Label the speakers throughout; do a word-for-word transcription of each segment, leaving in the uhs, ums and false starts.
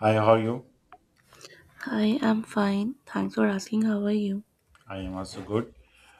Speaker 1: Hi, how are you?
Speaker 2: I am fine. Thanks for asking. How are you?
Speaker 1: I am also good.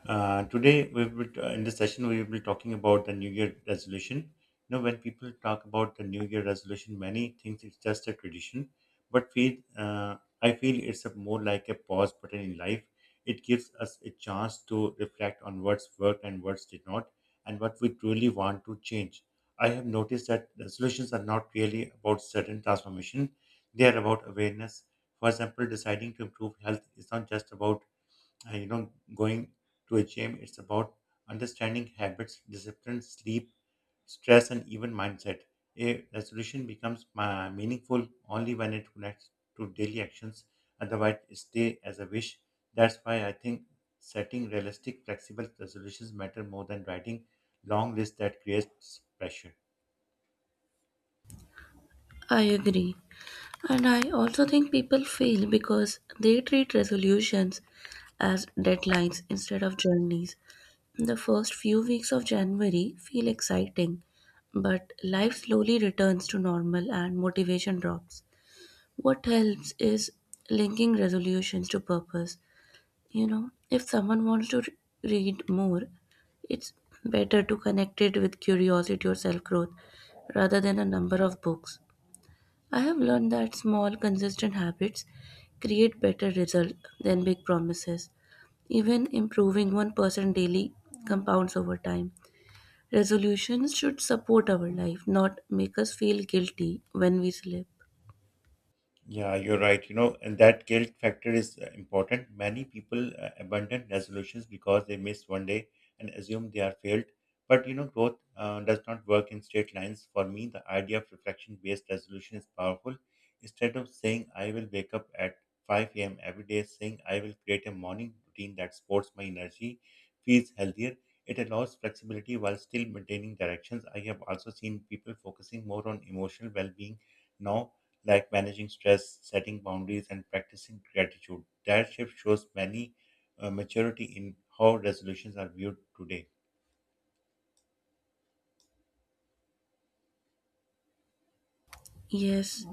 Speaker 1: Uh, today, we will t- in this session we will be talking about the New Year resolution. You know, when people talk about the New Year resolution, many think it's just a tradition, but feel uh, I feel it's a more like a pause button in life. It gives us a chance to reflect on what's worked and what's did not, and what we truly want to change. I have noticed that resolutions are not really about certain transformation; they are about awareness. For example, deciding to improve health is not just about uh, you know going to a gym. It's about understanding habits, discipline, sleep, stress, and even mindset. A resolution becomes ma- meaningful only when it connects to daily actions. Otherwise it stay as a wish. That's why I think setting realistic flexible resolutions matter more than writing long lists that creates pressure.
Speaker 2: I agree. And I also think people fail because they treat resolutions as deadlines instead of journeys. The first few weeks of January feel exciting, but life slowly returns to normal and motivation drops. What helps is linking resolutions to purpose. You know, if someone wants to re- read more, it's better to connect it with curiosity or self growth rather than a number of books. I have learned that small consistent habits create better results than big promises. Even improving one percent daily compounds over time. Resolutions should support our life, not make us feel guilty when we slip.
Speaker 1: Yeah, you're right. You know, and that guilt factor is uh, important. Many people uh, abandon resolutions because they miss one day and assume they are failed. But you know, growth uh, does not work in straight lines. For me, the idea of reflection-based resolution is powerful. Instead of saying I will wake up at five a m every day, saying I will create a morning routine that supports my energy, feels healthier. It allows flexibility while still maintaining directions. I have also seen people focusing more on emotional well-being now, like managing stress, setting boundaries, and practicing gratitude. That shift shows many uh, maturity in how resolutions are viewed today.
Speaker 2: Yes.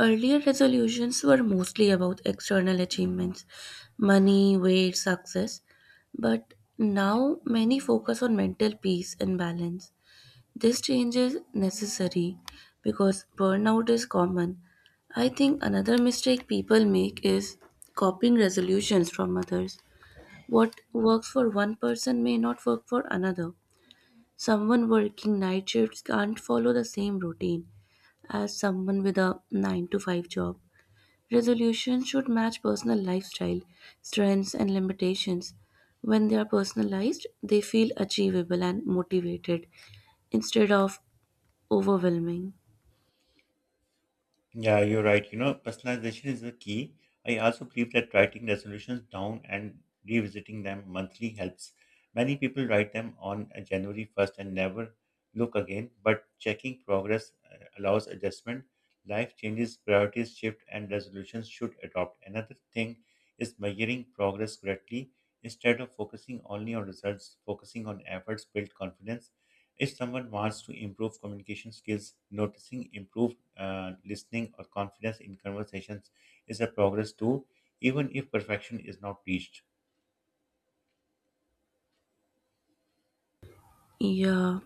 Speaker 2: Earlier resolutions were mostly about external achievements, money, weight, success, but now many focus on mental peace and balance. This change is necessary because burnout is common. I think another mistake people make is copying resolutions from others. What works for one person may not work for another. Someone working night shifts can't follow the same routine as someone with a nine to five job. Resolution should match personal lifestyle, strengths, and limitations. When they are personalized, they feel achievable and motivated instead of overwhelming.
Speaker 1: Yeah, you're right. You know, personalization is the key. I also believe that writing resolutions down and revisiting them monthly helps. Many people write them on uh, January first and never look again, but checking progress uh, allows adjustment. Life changes, priorities shift, and resolutions should adopt. Another thing is measuring progress correctly. Instead of focusing only on results, focusing on efforts build confidence. If someone wants to improve communication skills, noticing improved uh, listening or confidence in conversations is a progress too, even if perfection is not reached.
Speaker 2: Yeah,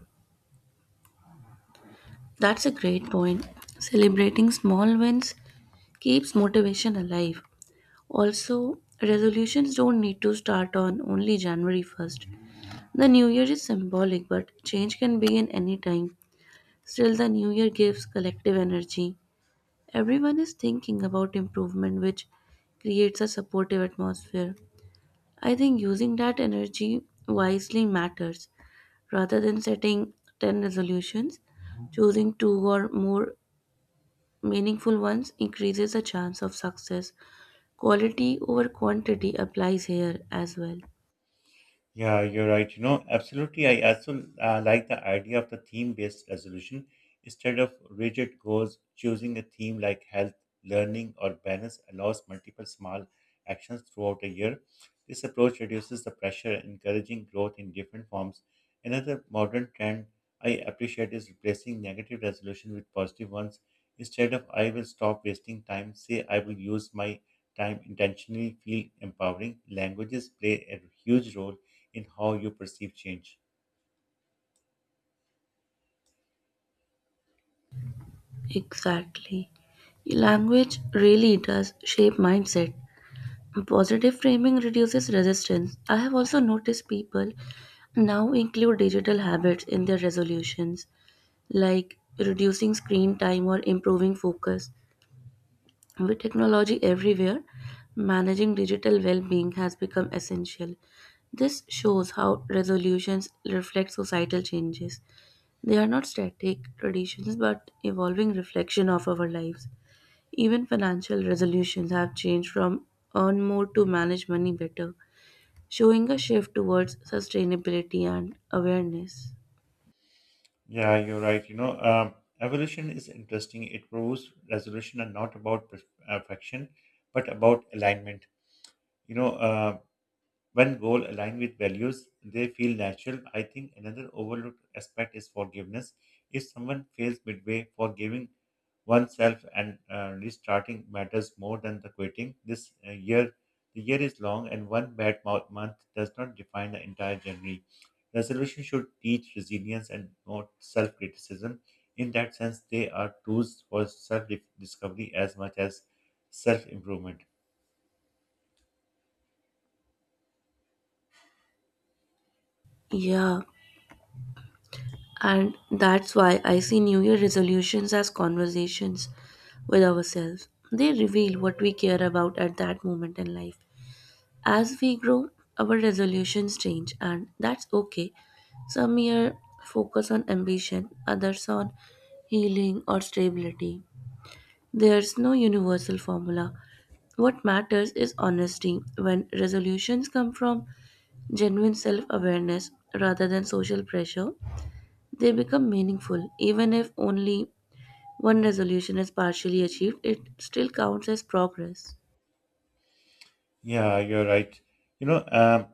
Speaker 2: that's a great point. Celebrating small wins keeps motivation alive. Also, resolutions don't need to start on only January first. The new year is symbolic, but change can begin any time. Still, the new year gives collective energy. Everyone is thinking about improvement, which creates a supportive atmosphere. I think using that energy wisely matters, rather than setting ten resolutions. Choosing two or more meaningful ones increases the chance of success. Quality over quantity applies here as well.
Speaker 1: Yeah, you're right. You know, absolutely. I also uh, like the idea of the theme-based resolution. Instead of rigid goals, choosing a theme like health, learning, or balance allows multiple small actions throughout a year. This approach reduces the pressure, encouraging growth in different forms. Another modern trend I appreciate is replacing negative resolution with positive ones. Instead of I will stop wasting time, say I will use my time intentionally, feel empowering. Languages play a huge role in how you perceive change.
Speaker 2: Exactly. Language really does shape mindset. Positive framing reduces resistance. I have also noticed people now include digital habits in their resolutions, like reducing screen time or improving focus. With technology everywhere, managing digital well being has become essential. This shows how resolutions reflect societal changes. They are not static traditions but evolving reflection of our lives. Even financial resolutions have changed from earn more to manage money better, showing a shift towards sustainability and awareness.
Speaker 1: Yeah, you're right. You know, um, evolution is interesting. It proves resolution are not about perf- uh, perfection, but about alignment. You know, um, when goals align with values, they feel natural. I think another overlooked aspect is forgiveness. If someone fails midway, forgiving oneself and uh, restarting matters more than the quitting. This uh, year, the year is long, and one bad mo- month does not define the entire journey. Resolution should teach resilience and not self-criticism. In that sense, they are tools for self-discovery as much as self-improvement.
Speaker 2: Yeah, and that's why I see New Year resolutions as conversations with ourselves. They reveal what we care about at that moment in life. As we grow, our resolutions change, and that's okay. Some year focus on ambition, others on healing or stability. There's no universal formula. What matters is honesty. When resolutions come from genuine self awareness rather than social pressure, they become meaningful. Even if only one resolution is partially achieved, it still counts as progress.
Speaker 1: Yeah, you're right. You know, um,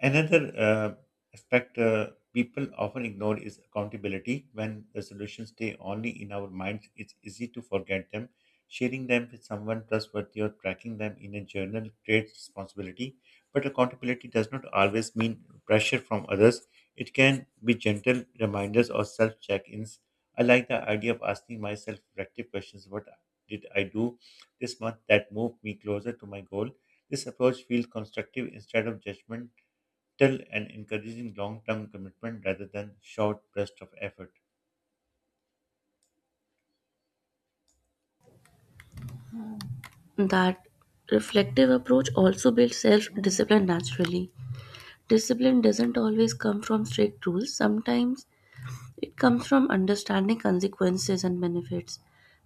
Speaker 1: another uh, aspect uh, people often ignore is accountability. When the solutions stay only in our minds, it's easy to forget them. Sharing them with someone trustworthy or tracking them in a journal creates responsibility. But accountability does not always mean pressure from others. It can be gentle reminders or self check ins. I like the idea of asking myself reflective questions: What did I do this month that moved me closer to my goal? This approach feels constructive instead of judgment tell and encouraging long-term commitment rather than short burst of effort.
Speaker 2: That reflective approach also builds self discipline naturally. Discipline doesn't always come from strict rules, sometimes it comes from understanding consequences and benefits.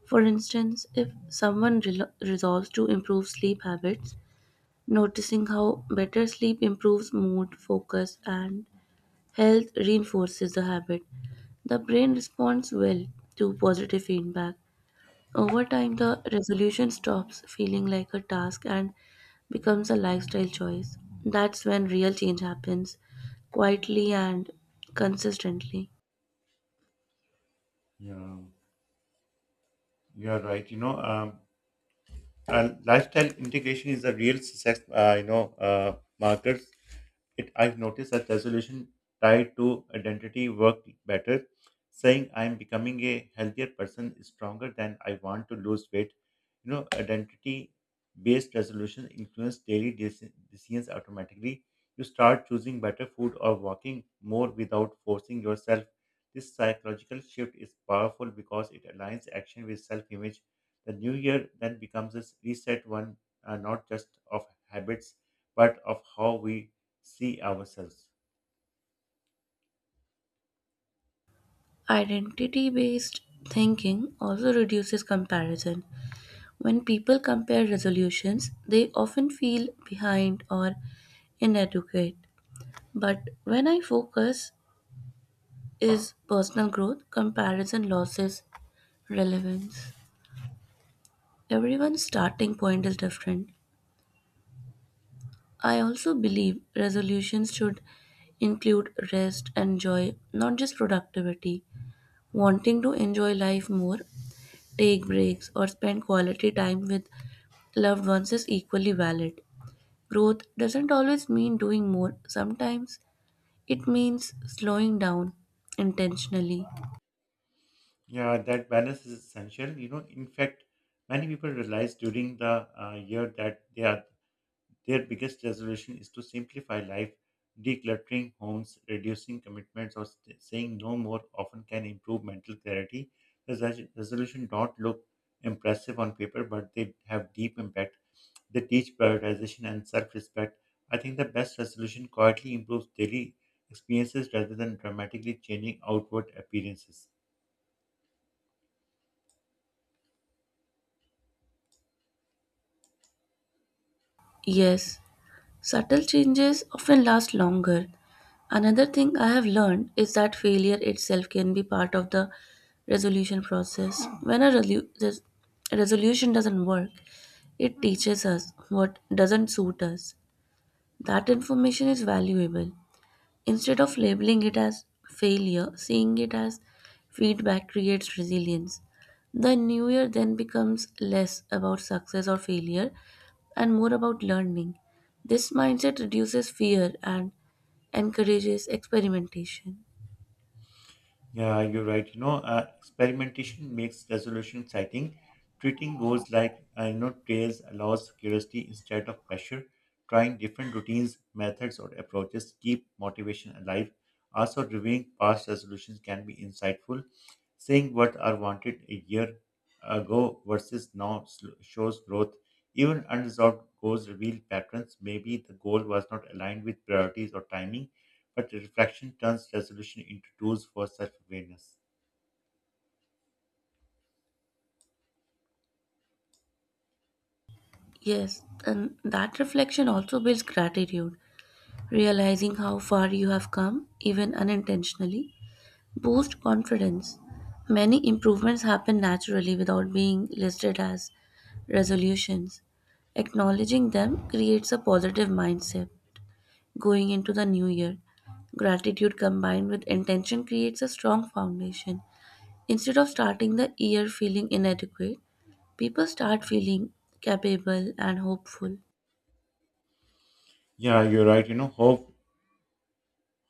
Speaker 2: For instance, if someone relo- resolves to improve sleep habits, noticing how better sleep improves mood, focus, and health reinforces the habit. The brain responds well to positive feedback. Over time, the resolution stops feeling like a task and becomes a lifestyle choice. That's when real change happens, quietly and consistently.
Speaker 1: Yeah, you are right. You know, um, uh, lifestyle integration is a real success. Uh, you know, uh, marker it, I've noticed that resolution tied to identity worked better. Saying I'm becoming a healthier person is stronger than I want to lose weight. You know, identity based resolution influence daily deci- decisions automatically. You start choosing better food or walking more without forcing yourself. This psychological shift is powerful because it aligns action with self image. The new year then becomes a reset one, uh, not just of habits, but of how we see ourselves.
Speaker 2: Identity based thinking also reduces comparison. When people compare resolutions, they often feel behind or in educate, but when I focus is personal growth, comparison losses relevance. Everyone's starting point is different. I also believe resolutions should include rest and joy, not just productivity. Wanting to enjoy life more, take breaks, or spend quality time with loved ones is equally valid. Growth doesn't always mean doing more, sometimes it means slowing down intentionally.
Speaker 1: Yeah, that balance is essential. You know, in fact, many people realize during the uh, year that they are Their biggest resolution is to simplify life. Decluttering homes, reducing commitments, or st- saying no more often can improve mental clarity. The res- resolution don't look impressive on paper, but they have deep impact. They teach prioritization and self-respect. I think the best resolution quietly improves daily experiences rather than dramatically changing outward appearances.
Speaker 2: Yes, subtle changes often last longer. Another thing I have learned is that failure itself can be part of the resolution process. When a relu- res- resolution doesn't work, it teaches us what doesn't suit us. That information is valuable. Instead of labeling it as failure, seeing it as feedback creates resilience. The new year then becomes less about success or failure and more about learning. This mindset reduces fear and encourages experimentation.
Speaker 1: Yeah, you're right. You know, uh, experimentation makes resolution exciting. Treating goals like uh, you know trails allows curiosity instead of pressure. Trying different routines, methods, or approaches keep motivation alive. Also, reviewing past resolutions can be insightful. Saying what I wanted a year ago versus now sl- shows growth. Even unresolved goals reveal patterns. Maybe the goal was not aligned with priorities or timing, but reflection turns resolution into tools for self-awareness.
Speaker 2: Yes, and that reflection also builds gratitude. Realizing how far you have come, even unintentionally, boost confidence. Many improvements happen naturally without being listed as resolutions. Acknowledging them creates a positive mindset going into the new year. Gratitude combined with intention creates a strong foundation. Instead of starting the year feeling inadequate, people start feeling capable and hopeful.
Speaker 1: Yeah, you're right. You know, hope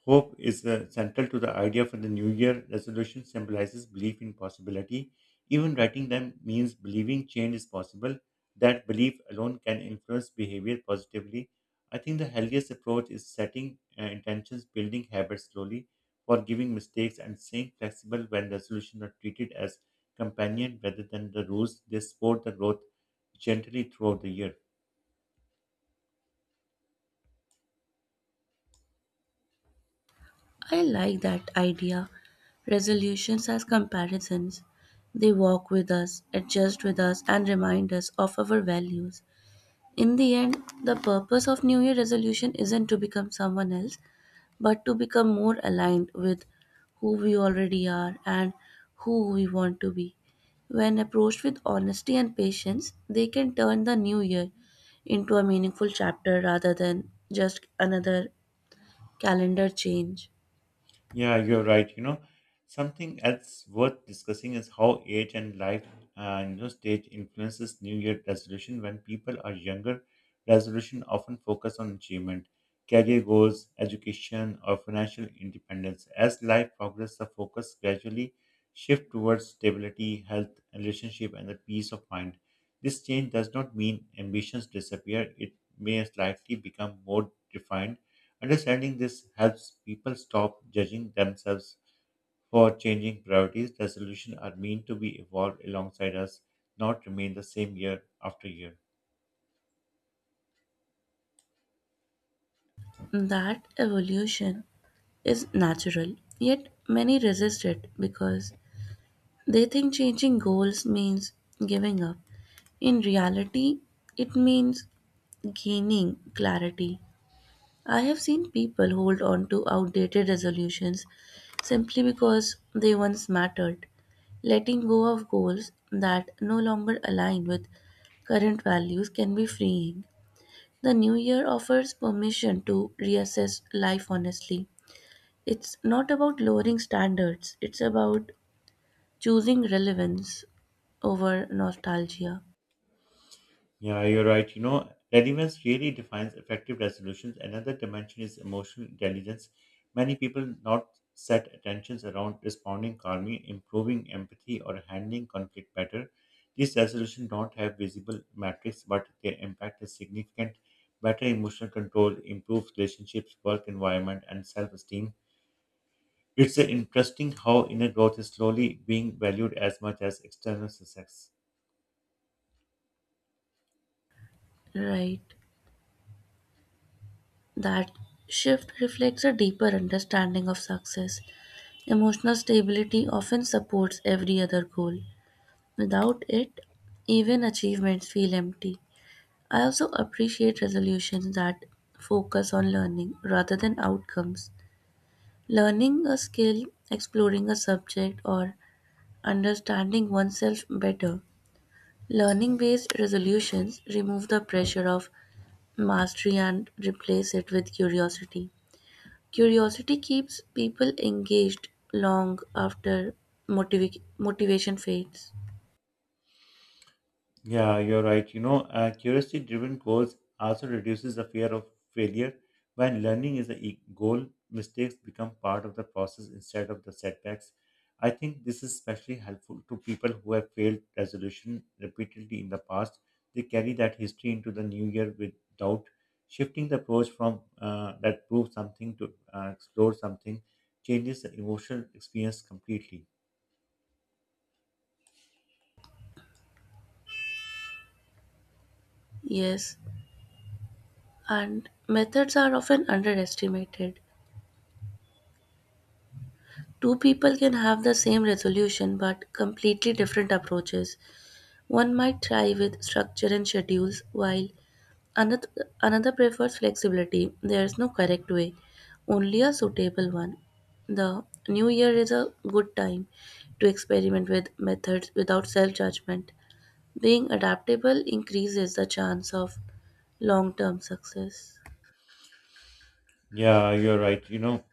Speaker 1: hope is uh, central to the idea for the New Year resolution. Symbolizes belief in possibility. Even writing them means believing change is possible. That belief alone can influence behavior positively. I think the healthiest approach is setting uh, intentions, building habits slowly, forgiving mistakes, and staying flexible when resolutions are treated as companion rather than the rules. They support the growth gently throughout the year.
Speaker 2: I like that idea. Resolutions as comparisons. They walk with us, adjust with us, and remind us of our values. In the end, the purpose of New Year resolution isn't to become someone else, but to become more aligned with who we already are and who we want to be. When approached with honesty and patience, they can turn the new year into a meaningful chapter rather than just another calendar change.
Speaker 1: Yeah, you're right. You know, something else worth discussing is how age and life, uh, you know, stage influences New Year resolution. When people are younger, resolution often focus on achievement, career goals, education, or financial independence. As life progresses, the focus gradually shift towards stability, health, relationship, and the peace of mind. This change does not mean ambitions disappear. It may slightly become more defined. Understanding this helps people stop judging themselves for changing priorities. The solutions are meant to be evolved alongside us, not remain the same year after year.
Speaker 2: That evolution is natural, yet many resist it because they think changing goals means giving up. In reality, it means gaining clarity. I have seen people hold on to outdated resolutions simply because they once mattered. Letting go of goals that no longer align with current values can be freeing. The new year offers permission to reassess life honestly. It's not about lowering standards, it's about choosing relevance over nostalgia.
Speaker 1: Yeah, you're right. You know, relevance really defines effective resolutions. Another dimension is emotional intelligence. Many people not set attentions around responding calmly, improving empathy, or handling conflict better. These resolutions don't have visible metrics, but their impact is significant. Better emotional control improves relationships, work environment, and self-esteem. It's uh, interesting how inner growth is slowly being valued as much as external success.
Speaker 2: Right. That shift reflects a deeper understanding of success. Emotional stability often supports every other goal. Without it, even achievements feel empty. I also appreciate resolutions that focus on learning rather than outcomes. Learning a skill, exploring a subject, or understanding oneself better. Learning-based resolutions remove the pressure of mastery and replace it with curiosity. Curiosity keeps people engaged long after motiva- motivation fades.
Speaker 1: Yeah, you're right. You know, uh, curiosity-driven goals also reduces the fear of failure. When learning is a e- goal, mistakes become part of the process instead of the setbacks. I think this is especially helpful to people who have failed resolution repeatedly in the past. They carry that history into the new year with doubt. Shifting the approach from uh, that prove something to uh, explore something changes the emotional experience completely.
Speaker 2: Yes, and methods are often underestimated. Two people can have the same resolution but completely different approaches. One might try with structure and schedules, while Another, another prefers flexibility. There is no correct way, only a suitable one. The new year is a good time to experiment with methods without self judgment. Being adaptable increases the chance of long term success.
Speaker 1: Yeah, you're right. You know,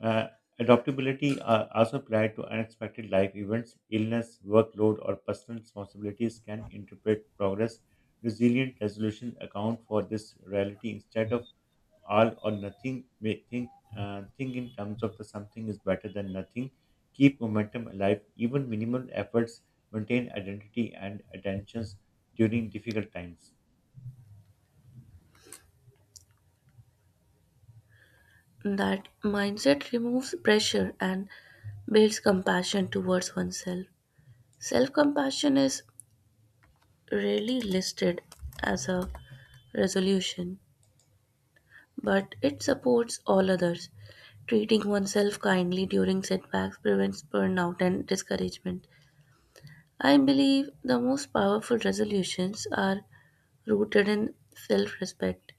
Speaker 1: Uh, adaptability uh, also applied to unexpected life events, illness, workload, or personal responsibilities can interpret progress. Resilient resolution account for this reality instead of all or nothing. May think uh, think in terms of the something is better than nothing. Keep momentum alive. Even minimal efforts maintain identity and attentions during difficult times.
Speaker 2: That mindset removes pressure and builds compassion towards oneself. Self compassion is rarely listed as a resolution, but it supports all others. Treating oneself kindly during setbacks prevents burnout and discouragement. I believe the most powerful resolutions are rooted in self respect.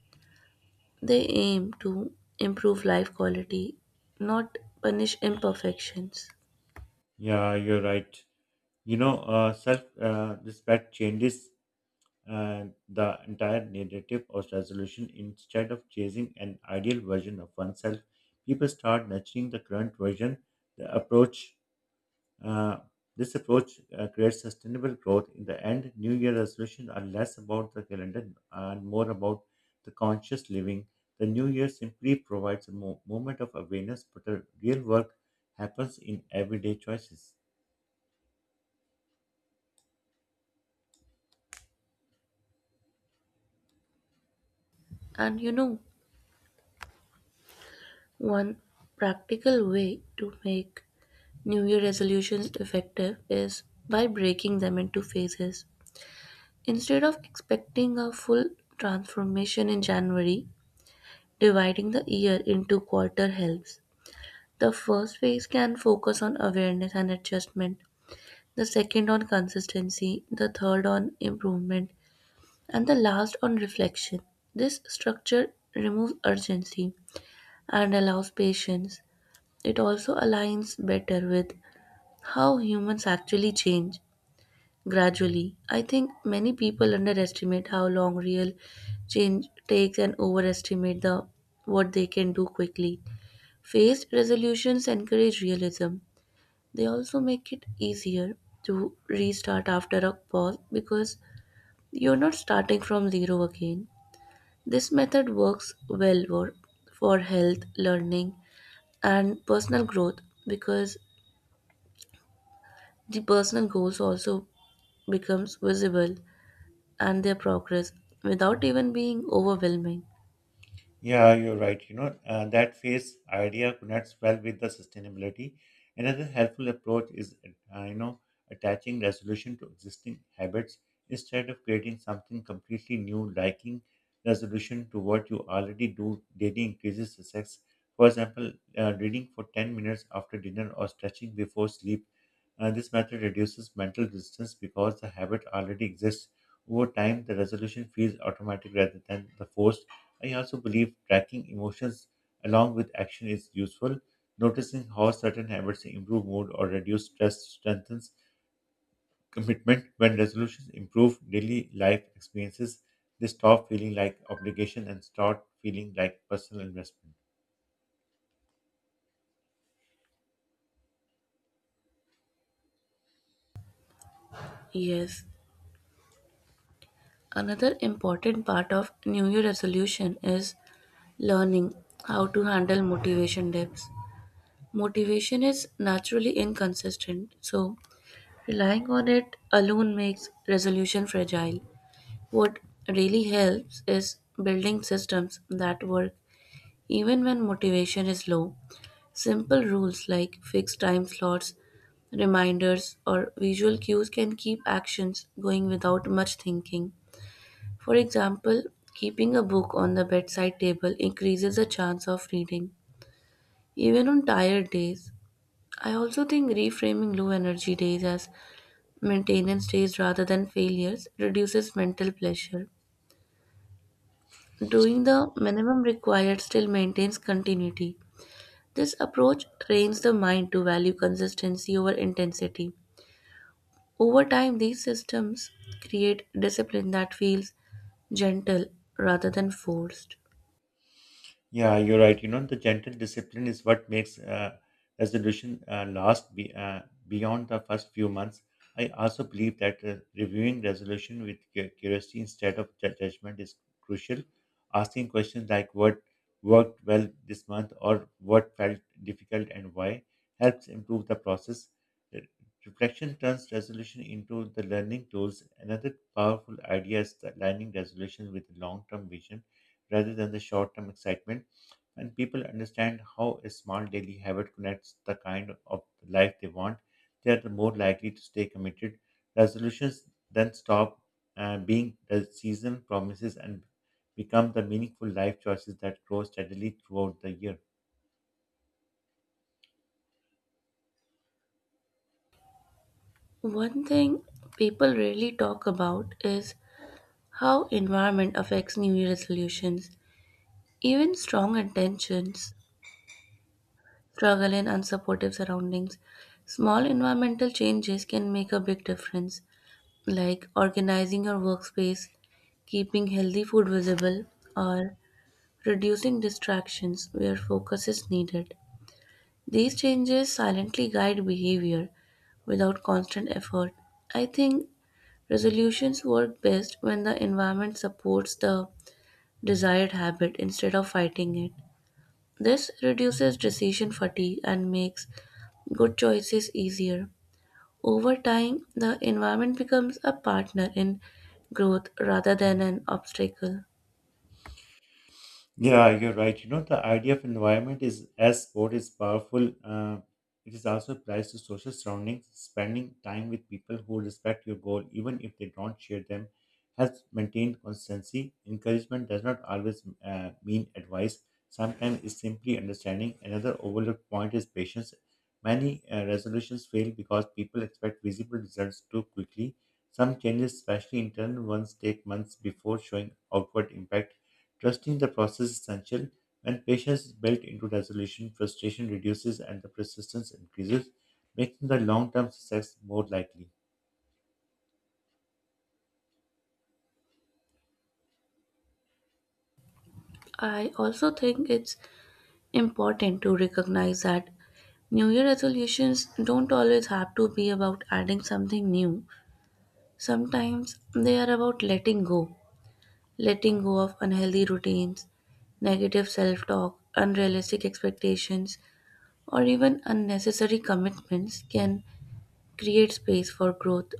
Speaker 2: They aim to improve life quality, not punish imperfections.
Speaker 1: Yeah, you're right. You know, uh, self uh, respect changes uh, the entire narrative of resolution instead of chasing an ideal version of oneself. People start nurturing the current version. The approach, uh, this approach uh, creates sustainable growth. In the end, New Year resolutions are less about the calendar and more about the conscious living. The New Year simply provides a mo- moment of awareness, but the real work happens in everyday choices.
Speaker 2: And you know, one practical way to make New Year resolutions effective is by breaking them into phases. Instead of expecting a full transformation in January, dividing the year into quarter helps. The first phase can focus on awareness and adjustment, the second on consistency, the third on improvement, and the last on reflection. This structure removes urgency and allows patience. It also aligns better with how humans actually change gradually. I think many people underestimate how long real change takes and overestimate the what they can do quickly. Phased resolutions encourage realism. They also make it easier to restart after a pause because you're not starting from zero again. This method works well for, for health, learning, and personal growth, because the personal goals also becomes visible and their progress without even being overwhelming.
Speaker 1: Yeah, you're right. You know, uh, that phase idea connects well with the sustainability. Another helpful approach is, uh, you know, attaching resolution to existing habits instead of creating something completely new, liking resolution to what you already do daily increases success. For example, uh, reading for ten minutes after dinner or stretching before sleep. Uh, this method reduces mental distance because the habit already exists. Over time, the resolution feels automatic rather than the forced. I also believe tracking emotions along with action is useful. Noticing how certain habits improve mood or reduce stress strengthens commitment. When resolutions improve daily life experiences, they stop feeling like obligation and start feeling like personal investment.
Speaker 2: Yes, another important part of New Year resolution is learning how to handle motivation dips. Motivation is naturally inconsistent, so relying on it alone makes resolution fragile. What really helps is building systems that work even when motivation is low. Simple rules like fixed time slots, reminders, or visual cues can keep actions going without much thinking. For example, keeping a book on the bedside table increases the chance of reading, even on tired days. I also think reframing low energy days as maintenance days rather than failures reduces mental pressure. Doing the minimum required still maintains continuity. This approach trains the mind to value consistency over intensity. Over time, these systems create discipline that feels gentle rather than forced.
Speaker 1: Yeah, you're right. You know, the gentle discipline is what makes uh, resolution uh, last be, uh, beyond the first few months. I also believe that uh, reviewing resolution with cu- curiosity instead of ju- judgment is crucial. Asking questions like what worked well this month or what felt difficult and why helps improve the process. Re- Reflection turns resolution into the learning tools. Another powerful idea is the aligning resolution with long-term vision rather than the short term excitement. When people understand how a small daily habit connects the kind of life they want, they are the more likely to stay committed. Resolutions then stop uh, being the season promises and become the meaningful life choices that grow steadily throughout the year.
Speaker 2: One thing people rarely talk about is how environment affects New Year resolutions. Even strong intentions struggle in unsupportive surroundings. Small environmental changes can make a big difference, like organizing your workspace, keeping healthy food visible, or reducing distractions where focus is needed. These changes silently guide behavior without constant effort. I think resolutions work best when the environment supports the desired habit instead of fighting it. This reduces decision fatigue and makes good choices easier. Over time, the environment becomes a partner in growth rather than an obstacle.
Speaker 1: Yeah, you're right. You know, the idea of environment is as sport is powerful. Uh, it is also applies to social surroundings. Spending time with people who respect your goal, even if they don't share them, helps maintain consistency. Encouragement does not always uh, mean advice. Sometimes it's simply understanding. Another overlooked point is patience. Many uh, resolutions fail because people expect visible results too quickly. Some changes, especially internal ones, take months before showing outward impact. Trusting the process is essential. When patience is built into resolution, frustration reduces and the persistence increases, making the long term success more likely.
Speaker 2: I also think it's important to recognize that New Year resolutions don't always have to be about adding something new. Sometimes they are about letting go. Letting go of unhealthy routines, negative self talk, unrealistic expectations, or even unnecessary commitments can create space for growth.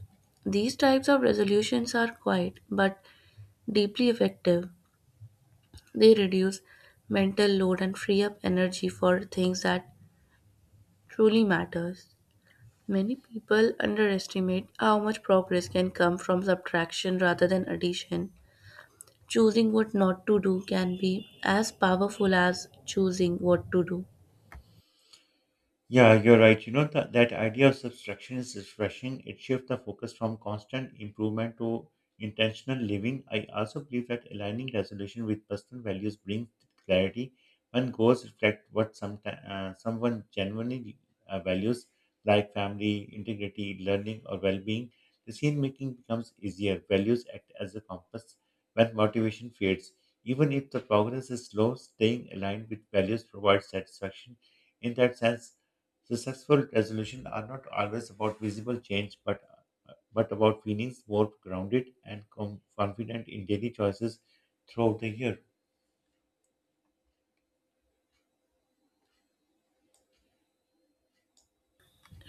Speaker 2: These types of resolutions are quiet but deeply effective. They reduce mental load and free up energy for things that truly matters. Many people underestimate how much progress can come from subtraction rather than addition. Choosing what not to do can be as powerful as choosing what to do.
Speaker 1: Yeah, you're right. You know, th- that idea of subtraction is refreshing. It shifts the focus from constant improvement to intentional living. I also believe that aligning resolution with personal values brings clarity. When goals reflect what some uh, someone genuinely uh, values, like family, integrity, learning, or well-being. Decision making becomes easier. Values act as a compass when motivation fades. Even if the progress is slow, staying aligned with values provides satisfaction. In that sense, successful resolutions are not always about visible change, but but about feeling more grounded and com- confident in daily choices throughout the year.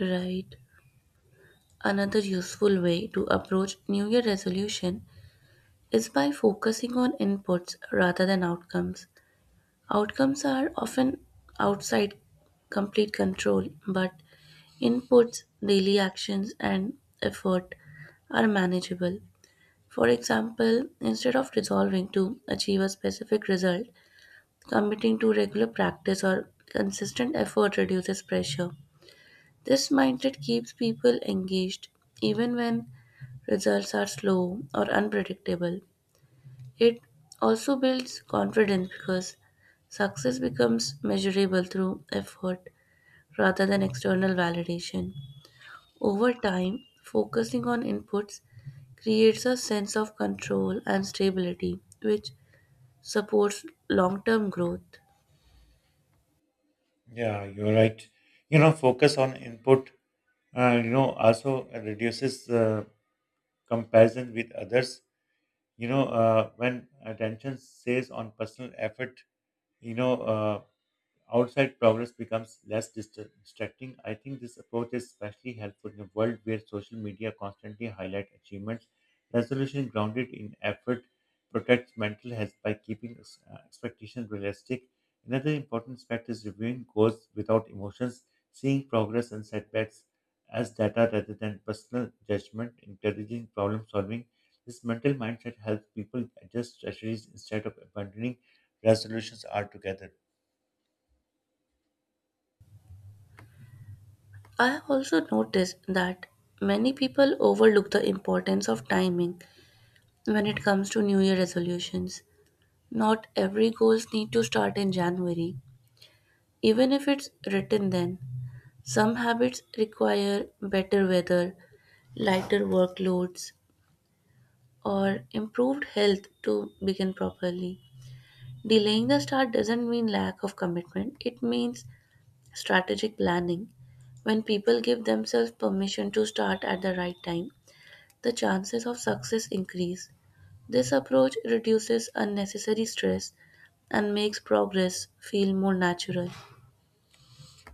Speaker 2: Right. Another useful way to approach New Year resolution is by focusing on inputs rather than outcomes. Outcomes are often outside complete control, but inputs, daily actions, and effort are manageable. For example, instead of resolving to achieve a specific result, committing to regular practice or consistent effort reduces pressure. This mindset keeps people engaged even when results are slow or unpredictable. It also builds confidence because success becomes measurable through effort rather than external validation. Over time, focusing on inputs creates a sense of control and stability, which supports long term growth.
Speaker 1: Yeah, you're right. You know, focus on input. Uh, you know, also reduces uh, comparison with others. You know, uh, when attention stays on personal effort, you know. Uh, Outside progress becomes less dist- distracting. I think this approach is especially helpful in a world where social media constantly highlight achievements. Resolution grounded in effort protects mental health by keeping ex- uh, expectations realistic. Another important aspect is reviewing goals without emotions, seeing progress and setbacks as data rather than personal judgment, encouraging problem solving. This mental mindset helps people adjust strategies instead of abandoning resolutions altogether.
Speaker 2: I have also noticed that many people overlook the importance of timing when it comes to New Year resolutions. Not every goals need to start in January, even if it's written then. Some habits require better weather, lighter workloads, or improved health to begin properly. Delaying the start doesn't mean lack of commitment, it means strategic planning. When people give themselves permission to start at the right time, the chances of success increase. This approach reduces unnecessary stress and makes progress feel more natural.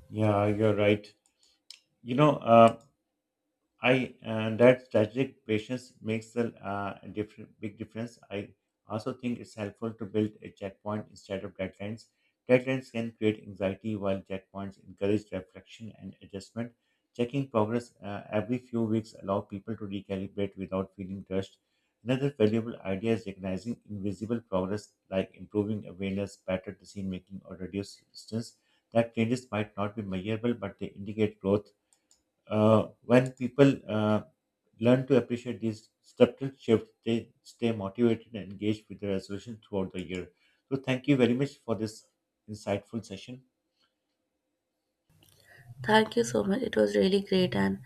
Speaker 1: Yeah, you're right. You know, uh, I uh, that strategic patience makes a uh, different big difference. I also think it's helpful to build a checkpoint instead of deadlines. Deadlines can create anxiety, while checkpoints encourage reflection and adjustment. Checking progress uh, every few weeks allow people to recalibrate without feeling rushed. Another valuable idea is recognizing invisible progress, like improving awareness, better decision making, or reduced distance. That changes might not be measurable, but they indicate growth uh, when people uh, learn to appreciate these subtle shifts, they stay motivated and engaged with the resolution throughout the year. So, thank you very much for this insightful session.
Speaker 2: Thank you so much. It was really great and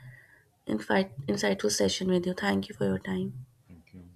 Speaker 2: infi- insightful session with you. Thank you for your time.
Speaker 1: Thank you.